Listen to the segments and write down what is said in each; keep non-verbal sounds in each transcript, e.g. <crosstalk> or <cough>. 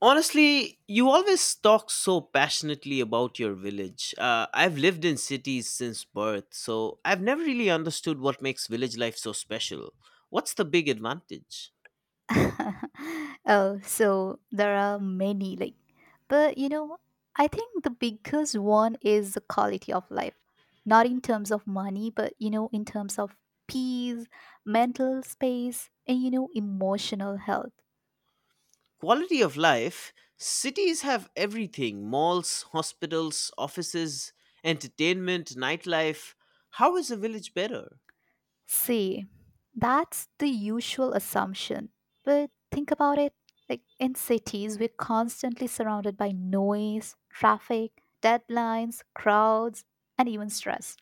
Honestly, you always talk so passionately about your village. I've lived in cities since birth, so I've never really understood what makes village life so special. What's the big advantage? <laughs> Oh, so there are many, like, but you know, I think the biggest one is the quality of life. Not in terms of money, but in terms of peace, mental space, and emotional health. Quality of life cities have everything malls, hospitals, offices, entertainment, nightlife. How is a village better? See, that's the usual assumption. But think about it like in cities, we're constantly surrounded by noise, traffic, deadlines, crowds, and even stress.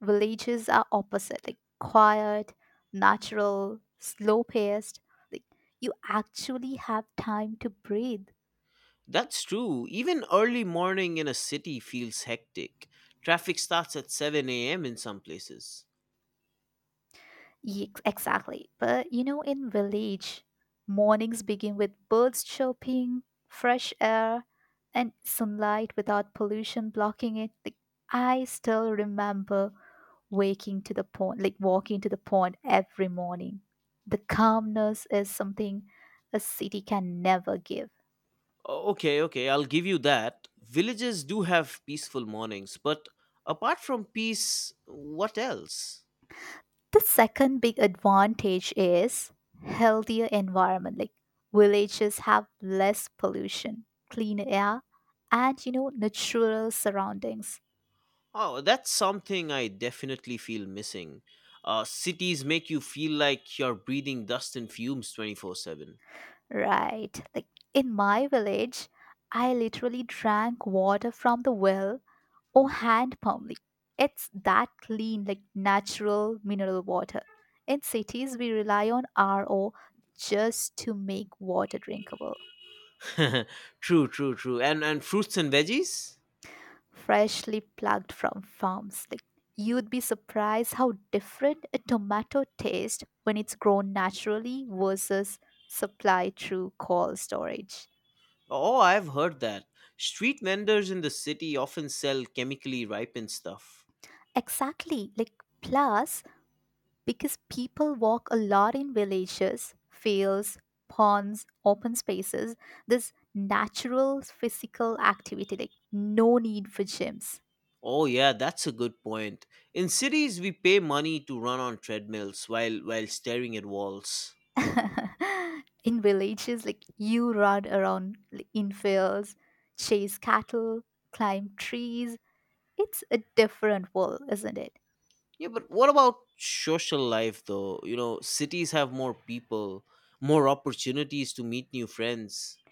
Villages are opposite, like quiet, natural, slow paced. Like you actually have time to breathe. That's true. Even early morning in a city feels hectic. Traffic starts at 7 a.m. in some places. Exactly. In village, mornings begin with birds chirping, fresh air, and sunlight without pollution blocking it. Like, I still remember waking to the pond, like walking to the pond every morning. The calmness is something a city can never give. Okay, okay, I'll give you that. Villages do have peaceful mornings, but apart from peace, what else? The second big advantage is healthier environment. Like villages have less pollution, cleaner air, and natural surroundings. Oh, that's something I definitely feel missing. Cities make you feel like you're breathing dust and fumes 24/7. Right. Like in my village, I literally drank water from the well or hand pump. Like, it's that clean, like natural mineral water. In cities, we rely on RO just to make water drinkable. <laughs> True, true, true. And fruits and veggies? Freshly plucked from farms. Like you'd be surprised how different a tomato tastes when it's grown naturally versus supplied through cold storage. Oh, I've heard that. Street vendors in the city often sell chemically ripened stuff. Exactly. Like plus, because people walk a lot in villages, fields, ponds, open spaces, this natural physical activity, like no need for gyms. Oh yeah, that's a good point. In cities we pay money to run on treadmills while staring at walls. <laughs> In villages like you run around like, in fields, chase cattle, climb trees, it's a different world, isn't it? Yeah, but what about social life though? You know, cities have more people, more opportunities to meet new friends.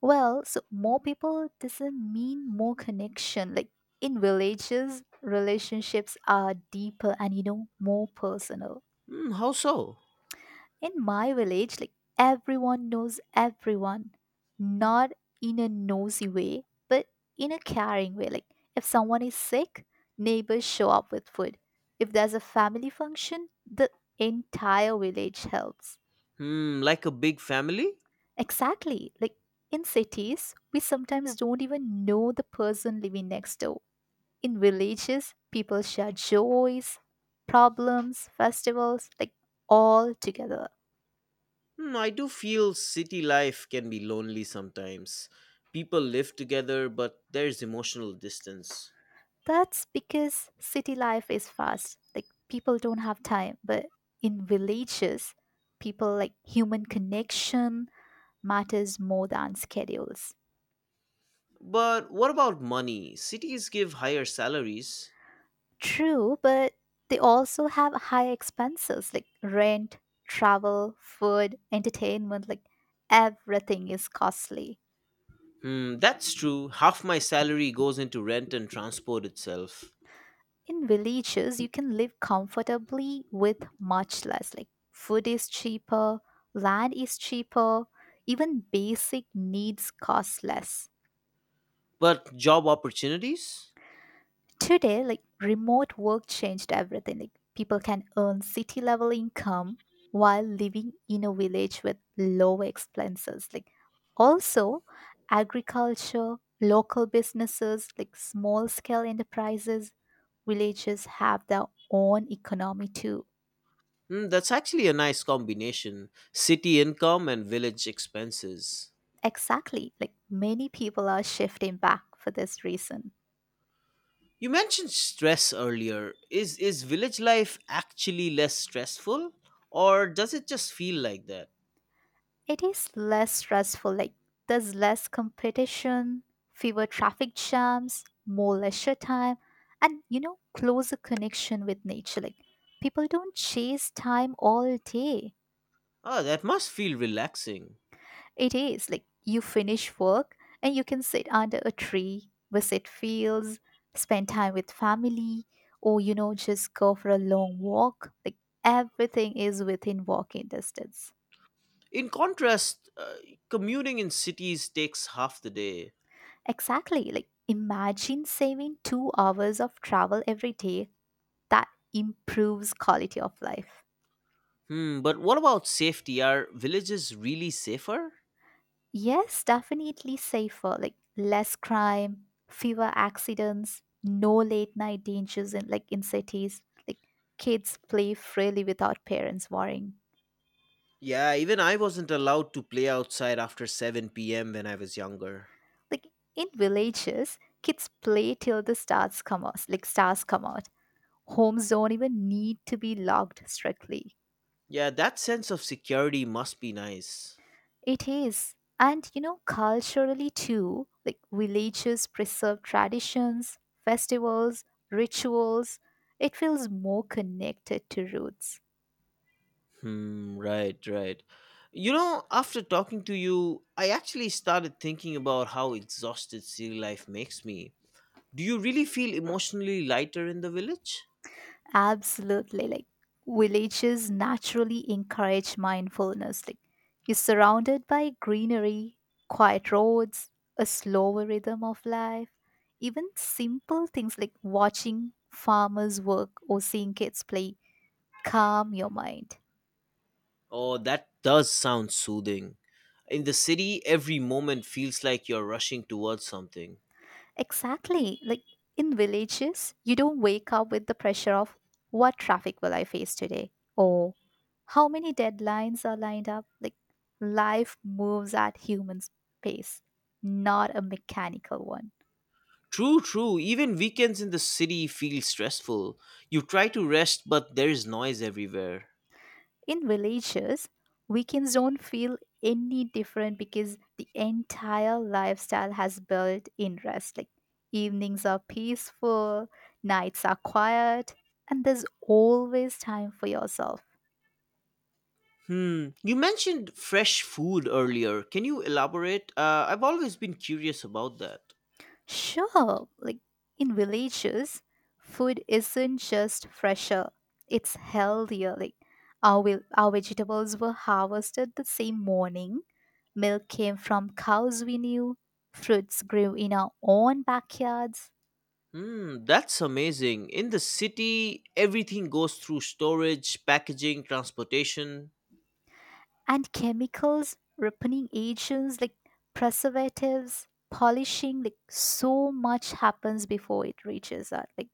Well, so more people doesn't mean more connection, like in villages relationships are deeper and more personal. Hmm, how so? In my village, like everyone knows everyone, not in a nosy way, but in a caring way. Like if someone is sick, neighbors show up with food. If there's a family function, the entire village helps. Hmm, like a big family? Exactly. Like in cities, we sometimes don't even know the person living next door. In villages, people share joys, problems, festivals, like all together. Hmm, I do feel city life can be lonely sometimes. People live together, but there's emotional distance. That's because city life is fast. Like people don't have time, but in villages, people like human connection matters more than schedules. But what about money? Cities give higher salaries. True, but they also have high expenses like rent, travel, food, entertainment, like everything is costly. Mm, that's true. Half my salary goes into rent and transport itself. In villages you can live comfortably with much less, like food is cheaper, land is cheaper, even basic needs cost less. But job opportunities? Today like remote work changed everything, like people can earn city level income while living in a village with low expenses, like also agriculture, local businesses, like small scale enterprises, villages have their own economy too. Mm, that's actually a nice combination city income and village expenses. Exactly. Like many people are shifting back for this reason. You mentioned stress earlier. Is village life actually less stressful? Or does it just feel like that? It is less stressful, like there's less competition, fewer traffic jams, more leisure time, and closer connection with nature. Like people don't chase time all day. Oh, that must feel relaxing. It is like you finish work and you can sit under a tree, visit fields, spend time with family, or just go for a long walk. Like everything is within walking distance. In contrast, commuting in cities takes half the day. Exactly. Like imagine saving 2 hours of travel every day. That improves quality of life. Hmm, but what about safety? Are villages really safer? Yes, definitely safer, like less crime, fewer accidents, no late night dangers in like in cities. Like kids play freely without parents worrying. Yeah, even I wasn't allowed to play outside after 7 p.m. when I was younger. Like in villages, kids play till the stars come out, like stars come out. Homes don't even need to be locked strictly. Yeah, that sense of security must be nice. It is. And culturally too, like villages preserve traditions, festivals, rituals. It feels more connected to roots. Hmm, right, right. You know, after talking to you, I actually started thinking about how exhausted city life makes me. Do you really feel emotionally lighter in the village? Absolutely. Like villages naturally encourage mindfulness. Like you're surrounded by greenery, quiet roads, a slower rhythm of life. Even simple things like watching farmers work or seeing kids play calm your mind. Oh, that does sound soothing. In the city, every moment feels like you're rushing towards something. Exactly. Like in villages, you don't wake up with the pressure of what traffic will I face today or how many deadlines are lined up. Like life moves at human pace, not a mechanical one. True, true. Even weekends in the city feel stressful. You try to rest, but there is noise everywhere. In villages, weekends don't feel any different because the entire lifestyle has built in rest. Like evenings are peaceful, nights are quiet, and there's always time for yourself. Hmm. You mentioned fresh food earlier. Can you elaborate? I've always been curious about that. Sure, like in villages, food isn't just fresher, it's healthier. Like our, our vegetables were harvested the same morning, milk came from cows we knew, fruits grew in our own backyards, Hmm, that's amazing. In the city, everything goes through storage, packaging, transportation. and chemicals, ripening agents like preservatives, polishing, like so much happens before it reaches us. Like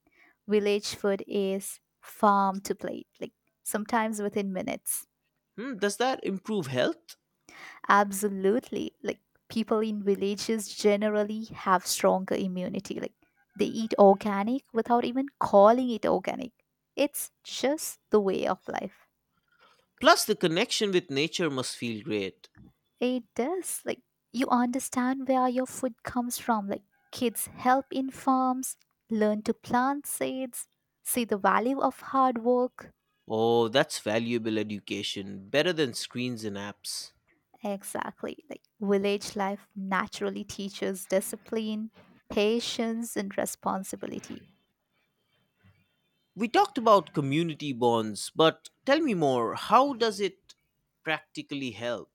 village food is farm to plate, like sometimes within minutes. Hmm, does that improve health? Absolutely. Like people in villages generally have stronger immunity. Like they eat organic without even calling it organic. It's just the way of life. Plus, the connection with nature must feel great. It does. Like you understand where your food comes from. Like kids help in farms, learn to plant seeds, see the value of hard work. Oh, that's valuable education, better than screens and apps. Exactly. Like village life naturally teaches discipline, patience, and responsibility. We talked about community bonds, but tell me more. How does it practically help?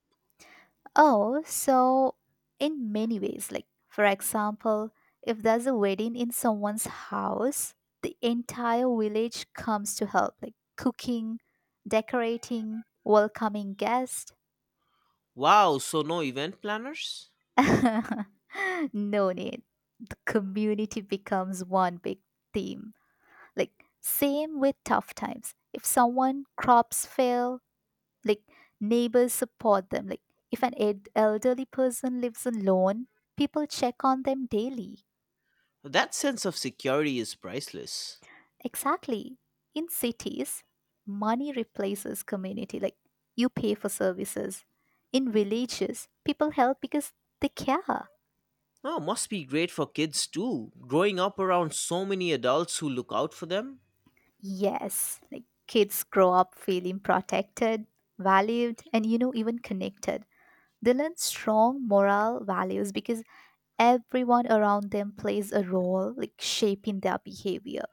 Oh, so in many ways, like for example, if there's a wedding in someone's house, the entire village comes to help, like cooking, decorating, welcoming guests. Wow, so no event planners? <laughs> No need. The community becomes one big theme. Like same with tough times. If someone crops fail, like neighbors support them, like if an elderly person lives alone, people check on them daily. That sense of security is priceless. Exactly, in cities money replaces community, like you pay for services, in villages people help because they care. Oh, must be great for kids too, growing up around so many adults who look out for them. Yes, like kids grow up feeling protected, valued, and even connected. They learn strong moral values because everyone around them plays a role, like shaping their behavior.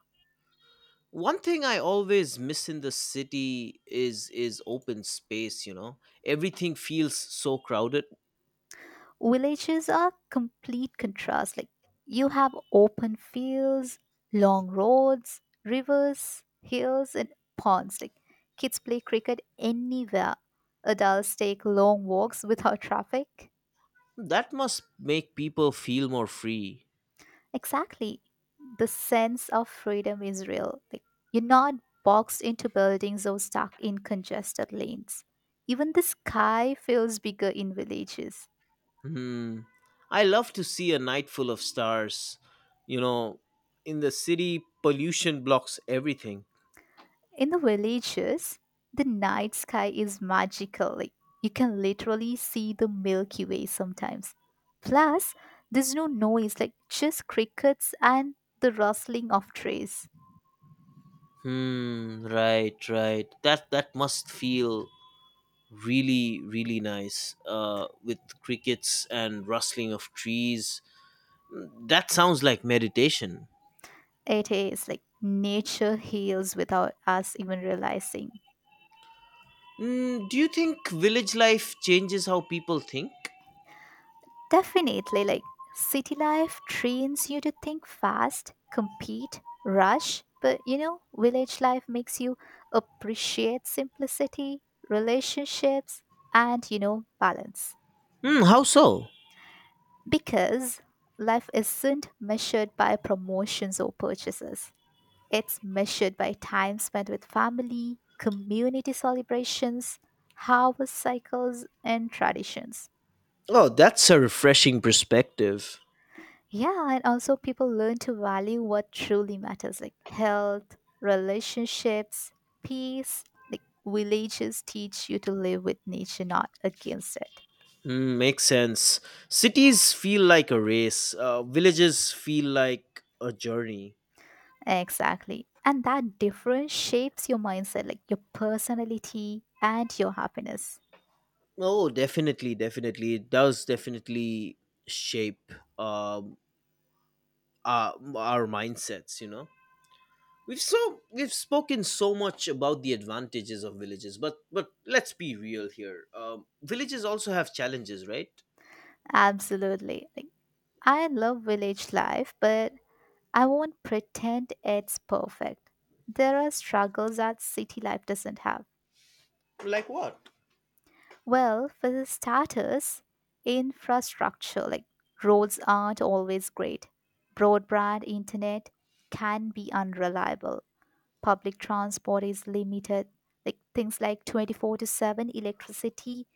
One thing I always miss in the city is open space, you know. Everything feels so crowded. Villages are complete contrast. Like you have open fields, long roads, rivers, hills, and ponds. Like kids play cricket anywhere. Adults take long walks without traffic. That must make people feel more free. Exactly. The sense of freedom is real. Like you're not boxed into buildings or stuck in congested lanes. Even the sky feels bigger in villages. Hmm. I love to see a night full of stars. You know, in the city, pollution blocks everything. In the villages, the night sky is magical. Like you can literally see the Milky Way sometimes. Plus, there's no noise, like just crickets and the rustling of trees. Hmm. Right. Right. That must feel really nice. With crickets and rustling of trees. Mm, that sounds like meditation. It is like nature heals without us even realizing. Mm, do you think village life changes how people think? Definitely, like city life trains you to think fast, compete, rush, but village life makes you appreciate simplicity, relationships, and balance. Hmm. How so? Because life isn't measured by promotions or purchases, it's measured by time spent with family, community celebrations, harvest cycles, and traditions. Oh, that's a refreshing perspective. Yeah, and also people learn to value what truly matters, like health, relationships, peace. Like villages teach you to live with nature, not against it. Mm, makes sense. Cities feel like a race. Villages feel like a journey. Exactly. And that difference shapes your mindset, like your personality and your happiness. Oh, definitely, definitely. It does definitely shape um, our mindsets. You know, we've so we've spoken so much about the advantages of villages, but let's be real here. Villages also have challenges, right? Absolutely. Like I love village life, but I won't pretend it's perfect. There are struggles that city life doesn't have. Like what? Well, for starters, infrastructure like roads aren't always great. Broadband internet can be unreliable. Public transport is limited. Like things like 24/7 electricity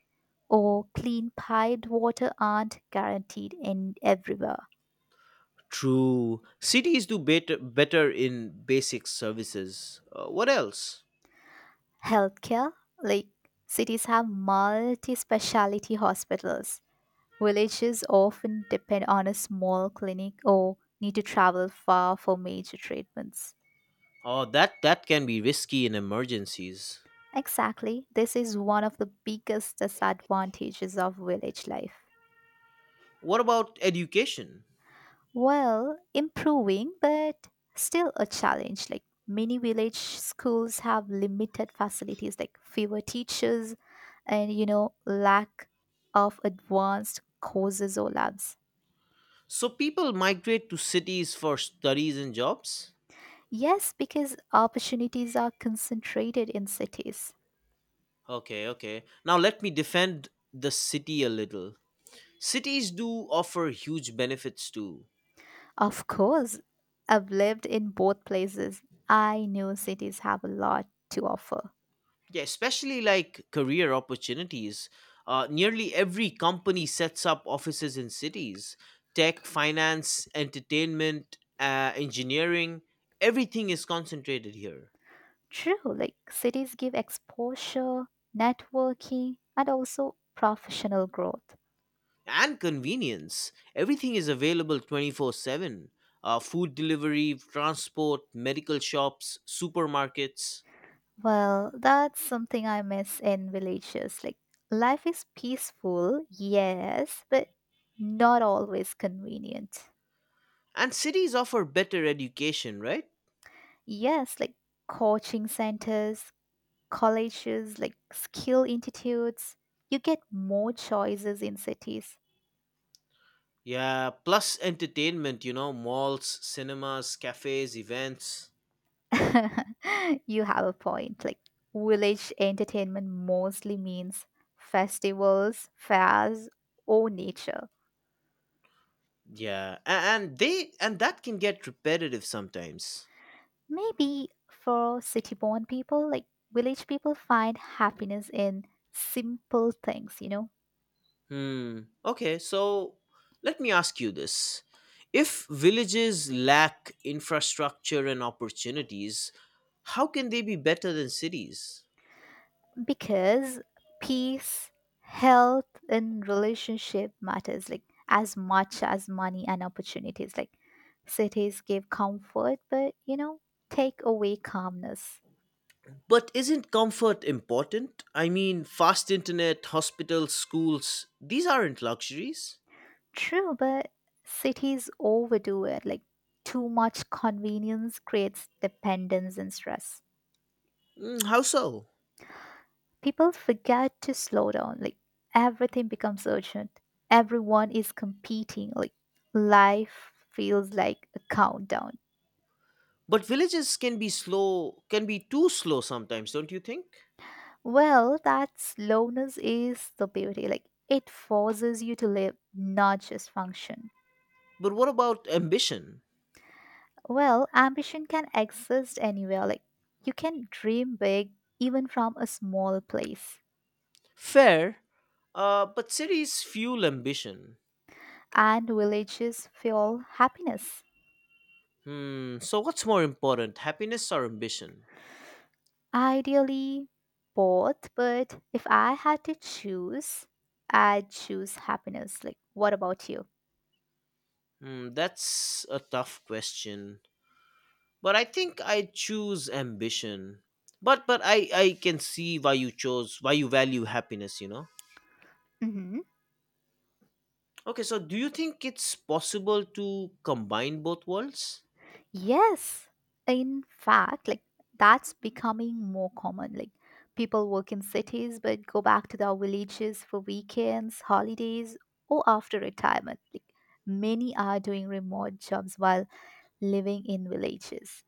or clean piped water aren't guaranteed in everywhere. True. Cities do better in basic services. What else? Healthcare, like cities have multi-specialty hospitals. Villages often depend on a small clinic or need to travel far for major treatments. Oh, that can be risky in emergencies. Exactly, this is one of the biggest disadvantages of village life. What about education? Well, improving, but still a challenge. Like many village schools have limited facilities, like fewer teachers, and lack of advanced courses or labs. So people migrate to cities for studies and jobs? Yes, because opportunities are concentrated in cities. Okay, okay. Now let me defend the city a little. Cities do offer huge benefits too. Of course, I've lived in both places. I know cities have a lot to offer. Yeah, especially like career opportunities. Nearly every company sets up offices in cities. Tech, finance, entertainment, engineering, everything is concentrated here. True, like cities give exposure, networking, and also professional growth. And convenience. Everything is available 24/7 food delivery, transport, medical shops, supermarkets. Well, that's something I miss in villages. Like, life is peaceful, yes, but not always convenient. And cities offer better education, right? Yes, like coaching centers, colleges, like skill institutes. You get more choices in cities. Yeah, plus entertainment, you know, malls, cinemas, cafes, events. <laughs> You have a point. Like village entertainment mostly means festivals, fairs, or nature. Yeah, a- and that can get repetitive sometimes. Maybe for city born people, like village people find happiness in simple things, Hmm. Okay, so let me ask you this. If villages lack infrastructure and opportunities, how can they be better than cities? because peace, health, and relationship matters like as much as money and opportunities. Like cities give comfort, but take away calmness. But isn't comfort important? I mean, fast internet, hospitals, schools, these aren't luxuries. True, but cities overdo it. Like, too much convenience creates dependence and stress. Mm, how so? People forget to slow down. Like, everything becomes urgent. Everyone is competing. Like, life feels like a countdown. But villages can be slow, can be too slow sometimes, don't you think? Well, that slowness is the beauty. Like, it forces you to live, not just function. But what about ambition? Well, ambition can exist anywhere. Like, you can dream big even from a small place. Fair, but cities fuel ambition. And villages fuel happiness. Hmm. So, what's more important, happiness or ambition? Ideally, both, but if I had to choose, I'd choose happiness. Like, what about you? Hmm. That's a tough question. But I think I choose ambition. But I can see why you chose why you value happiness. You know. Hmm. Okay. So, do you think it's possible to combine both worlds? Yes. In fact, like, that's becoming more common. Like, people work in cities but go back to their villages for weekends, holidays, or after retirement. Like, many are doing remote jobs while living in villages.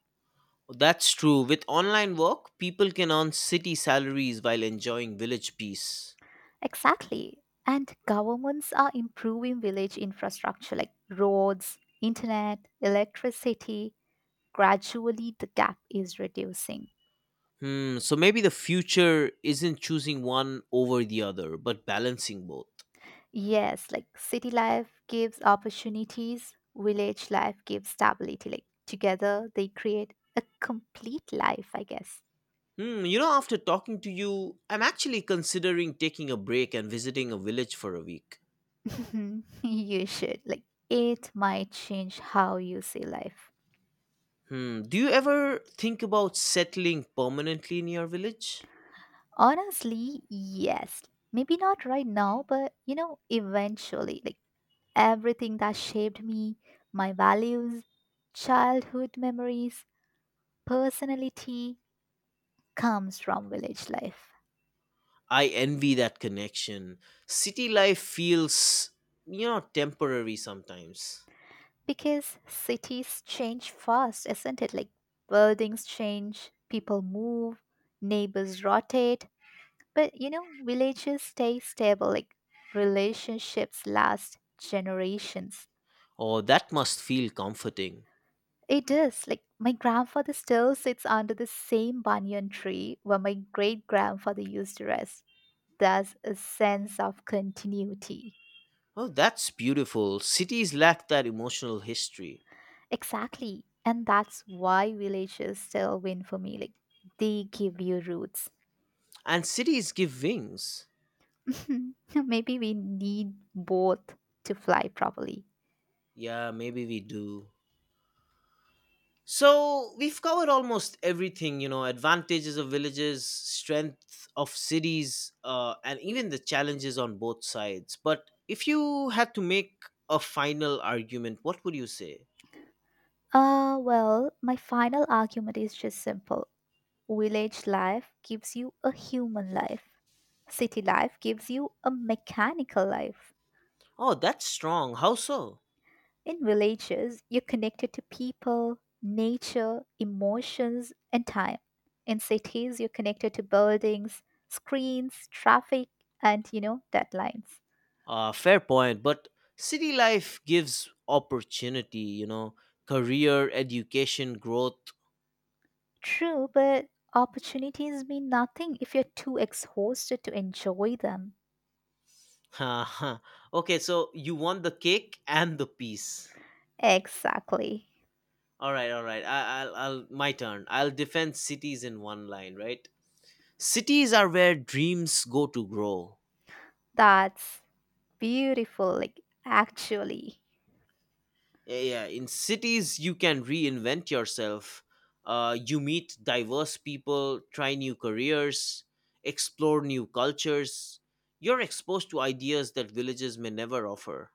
That's true. With online work, people can earn city salaries while enjoying village peace. Exactly. And governments are improving village infrastructure like roads, internet, electricity. Gradually, the gap is reducing. Hmm. So maybe the future isn't choosing one over the other, but balancing both. Yes, like city life gives opportunities, village life gives stability. Like together, they create a complete life, I guess. Hmm, you know, after talking to you, I'm actually considering taking a break and visiting a village for a week. Mhm. <laughs> You should. Like, it might change how you see life. Hmm, do you ever think about settling permanently in your village? Honestly, yes. Maybe not right now, but eventually. Like, everything that shaped me, my values, childhood memories, personality comes from village life. I envy that connection. City life feels, you know, temporary sometimes. Because cities change fast, isn't it? Like buildings change, people move, neighbors rotate, but villages stay stable, like relationships last generations. Oh, that must feel comforting. It is like my grandfather still sits under the same banyan tree where my great grandfather used to rest. There's a sense of continuity. Oh, that's beautiful. Cities lack that emotional history. Exactly. And that's why villages still win for me. Like, they give you roots. And cities give wings. <laughs> Maybe we need both to fly properly. Yeah, maybe we do. So we've covered almost everything, you know, advantages of villages, strength of cities, and even the challenges on both sides. But if you had to make a final argument, what would you say? Well, my final argument is just simple. Village life gives you a human life. City life gives you a mechanical life. Oh, that's strong. How so? In villages, you're connected to people, nature, emotions, and time. In cities, you're connected to buildings, screens, traffic, and you know, deadlines. Fair point. But city life gives opportunity, you know, career, education, growth. True, but opportunities mean nothing if you're too exhausted to enjoy them. <laughs> Okay, so you want the cake and the peace. Exactly. All right, all right. My turn. I'll defend cities in one line, right? Cities are where dreams go to grow. That's beautiful, like actually. Yeah, yeah. In cities, you can reinvent yourself. You meet diverse people, try new careers, explore new cultures. You're exposed to ideas that villages may never offer.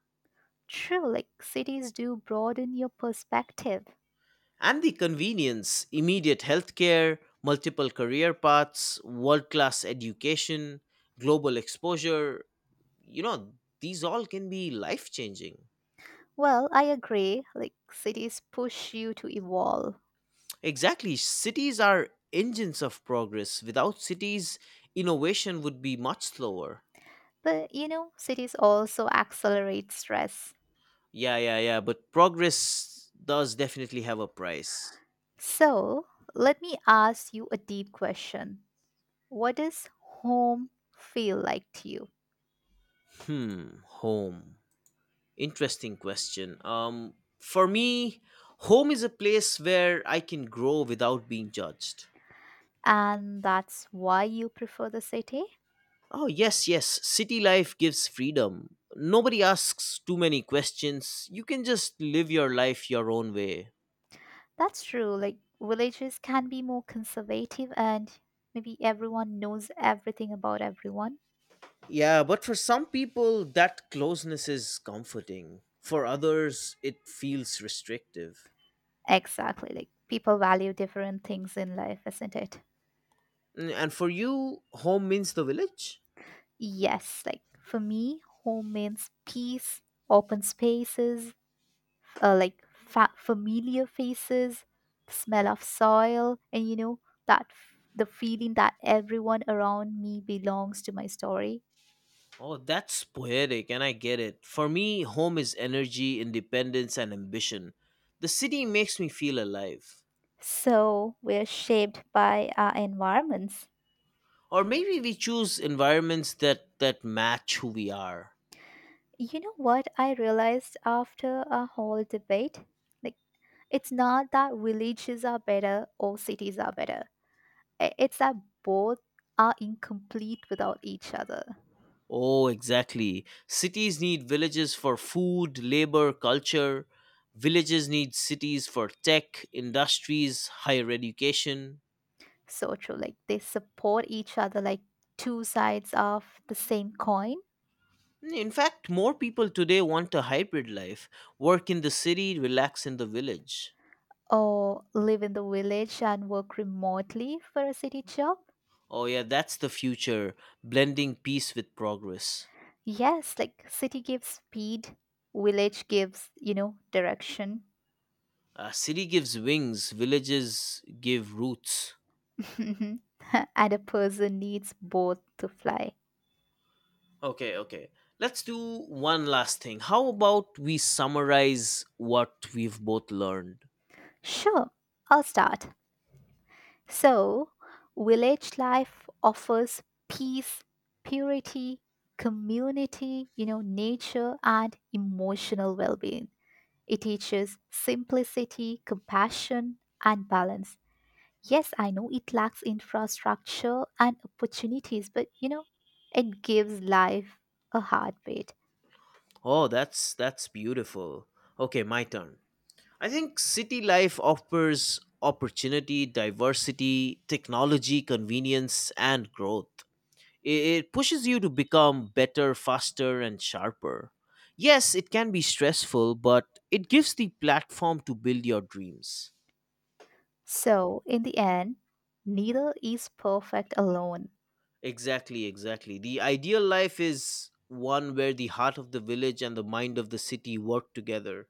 True, like cities do broaden your perspective. And the convenience immediate healthcare, multiple career paths, world class education, global exposure, you know, these all can be life changing. Well, I agree, like cities push you to evolve. Exactly, cities are engines of progress. Without cities innovation would be much slower. But you know, cities also accelerate stress. Yeah, but progress does definitely have a price. So let me ask you a deep question. What does home feel like to you? Hmm, home, interesting question. For me, home is a place where I can grow without being judged. And that's why you prefer the city? Oh, yes, yes. City life gives freedom. Nobody asks too many questions. You can just live your life your own way. That's true. Like, villages can be more conservative and maybe everyone knows everything about everyone. Yeah, but for some people, that closeness is comforting. For others, it feels restrictive. Exactly. Like, people value different things in life, isn't it? Mm, and for you, home means the village? Yes. Like, for me, home means peace, open spaces, like familiar faces, smell of soil, and you know that the feeling that everyone around me belongs to my story. Oh, that's poetic, and I get it. For me, home is energy, independence, and ambition. The city makes me feel alive. So we're shaped by our environments. Or maybe we choose environments that match who we are. You know what I realized after a whole debate? Like, it's not that villages are better or cities are better. It's that both are incomplete without each other. Oh, exactly. Cities need villages for food, labor, culture. Villages need cities for tech, industries, higher education. So true. Like they support each other like two sides of the same coin, In fact, more people today want a hybrid life, work in the city, relax in the village. or live in the village and work remotely for a city job. Oh, yeah, that's the future, blending peace with progress. Yes, like city gives speed, village gives, you know, direction. A city gives wings, villages give roots. <laughs> And a person needs both to fly. Okay, okay. Let's do one last thing. How about we summarize what we've both learned? Sure, I'll start. So, village life offers peace, purity, community, you know, nature and emotional well-being. It teaches simplicity, compassion, and balance. Yes, I know it lacks infrastructure and opportunities, but you know, it gives life a heartbeat. Oh, that's beautiful. Okay, my turn. I think city life offers opportunity, diversity, technology, convenience, and growth. It pushes you to become better, faster, and sharper. Yes, it can be stressful, but it gives the platform to build your dreams. So, in the end, neither is perfect alone. Exactly, exactly. The ideal life is one where the heart of the village and the mind of the city work together.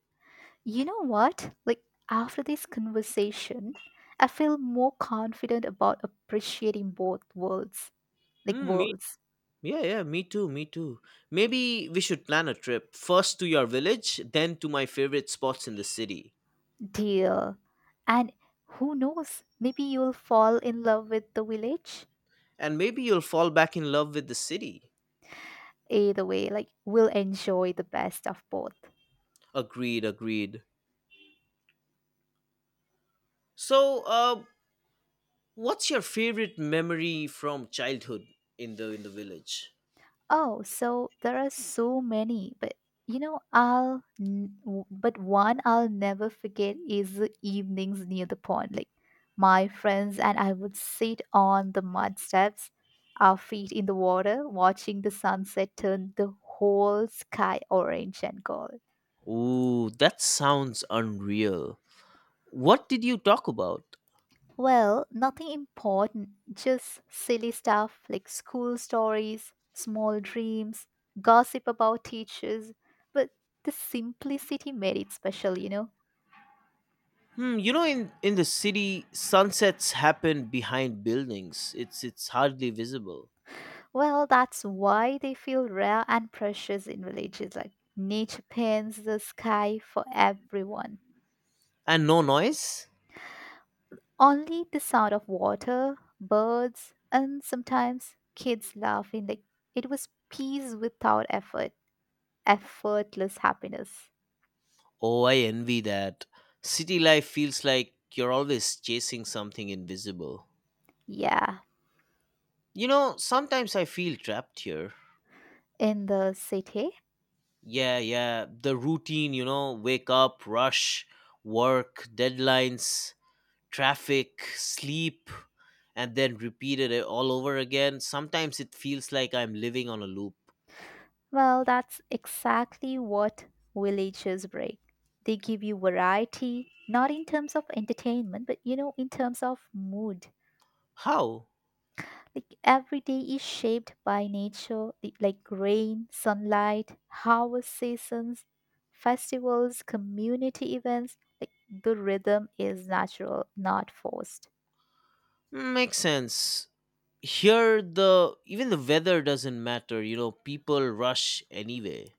You know what? Like, after this conversation, I feel more confident about appreciating both worlds, like Hmm, worlds, yeah, yeah, me too, me too. Maybe we should plan a trip first to your village, then to my favorite spots in the city. dear. And who knows, maybe you'll fall in love with the village And maybe you'll fall back in love with the city. either way, like we'll enjoy the best of both. Agreed, agreed. So, what's your favorite memory from childhood in the village? Oh, so there are so many, but you know but one I'll never forget is the evenings near the pond. Like my friends and I would sit on the mud steps, our feet in the water, watching the sunset turn the whole sky orange and gold. Ooh, that sounds unreal. What did you talk about? Well, nothing important, just silly stuff like school stories, small dreams, gossip about teachers, but the simplicity made it special. Hmm, you know in the city sunsets happen behind buildings. It's hardly visible. Well, that's why they feel rare and precious in villages, like nature paints the sky for everyone. And no noise? Only the sound of water, birds, and sometimes kids laughing, like it was peace without effort, effortless happiness. Oh, I envy that. City life feels like you're always chasing something invisible. Yeah. You know, sometimes I feel trapped here. In the city? Yeah, yeah, the routine, you know, wake up, rush, work, deadlines, traffic, sleep, and then repeat it all over again. Sometimes it feels like I'm living on a loop. Well, that's exactly what villages bring. They give you variety, not in terms of entertainment, but you know, in terms of mood. How? Like every day is shaped by nature, like rain, sunlight, harvest seasons, festivals, community events. Like the rhythm is natural, not forced. Hmm, makes sense. Here the even the weather doesn't matter, you know, people rush anyway.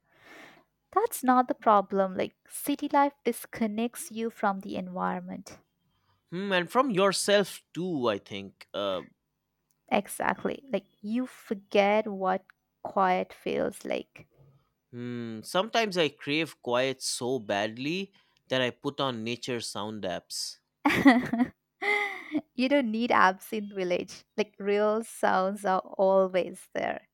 That's not the problem. Like city life disconnects you from the environment. Hmm, and from yourself too, I think. Exactly. Like you forget what quiet feels like. Hmm, sometimes I crave quiet so badly that I put on nature sound apps. <laughs> You don't need absinthe village. Like real sounds are always there.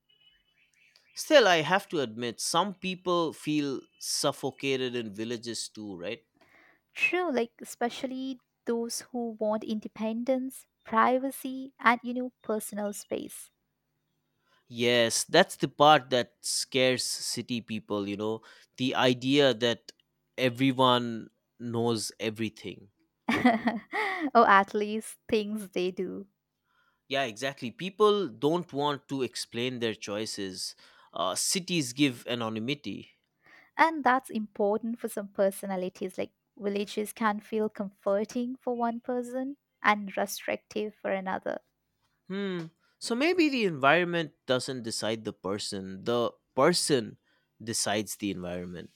Still, I have to admit, some people feel suffocated in villages too, right? True, like especially those who want independence, privacy, and you know, personal space. Yes, that's the part that scares city people, you know, the idea that everyone knows everything. <laughs> Or at least things they do. Yeah, exactly. People don't want to explain their choices. Cities give anonymity. And that's important for some personalities. Like villages can feel comforting for one person and restrictive for another. Hmm. So maybe the environment doesn't decide the person. The person decides the environment.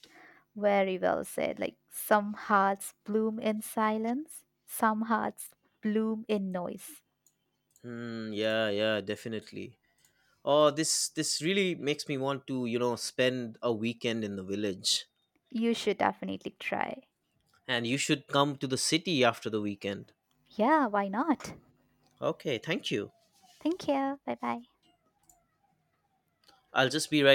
Very well said. Like some hearts bloom in silence, some hearts bloom in noise. Hmm. Yeah. Yeah. Definitely. Oh, this really makes me want to you know spend a weekend in the village. You should definitely try. And you should come to the city after the weekend. Yeah, why not? Okay. Thank you. Thank you. Bye bye. I'll just be right.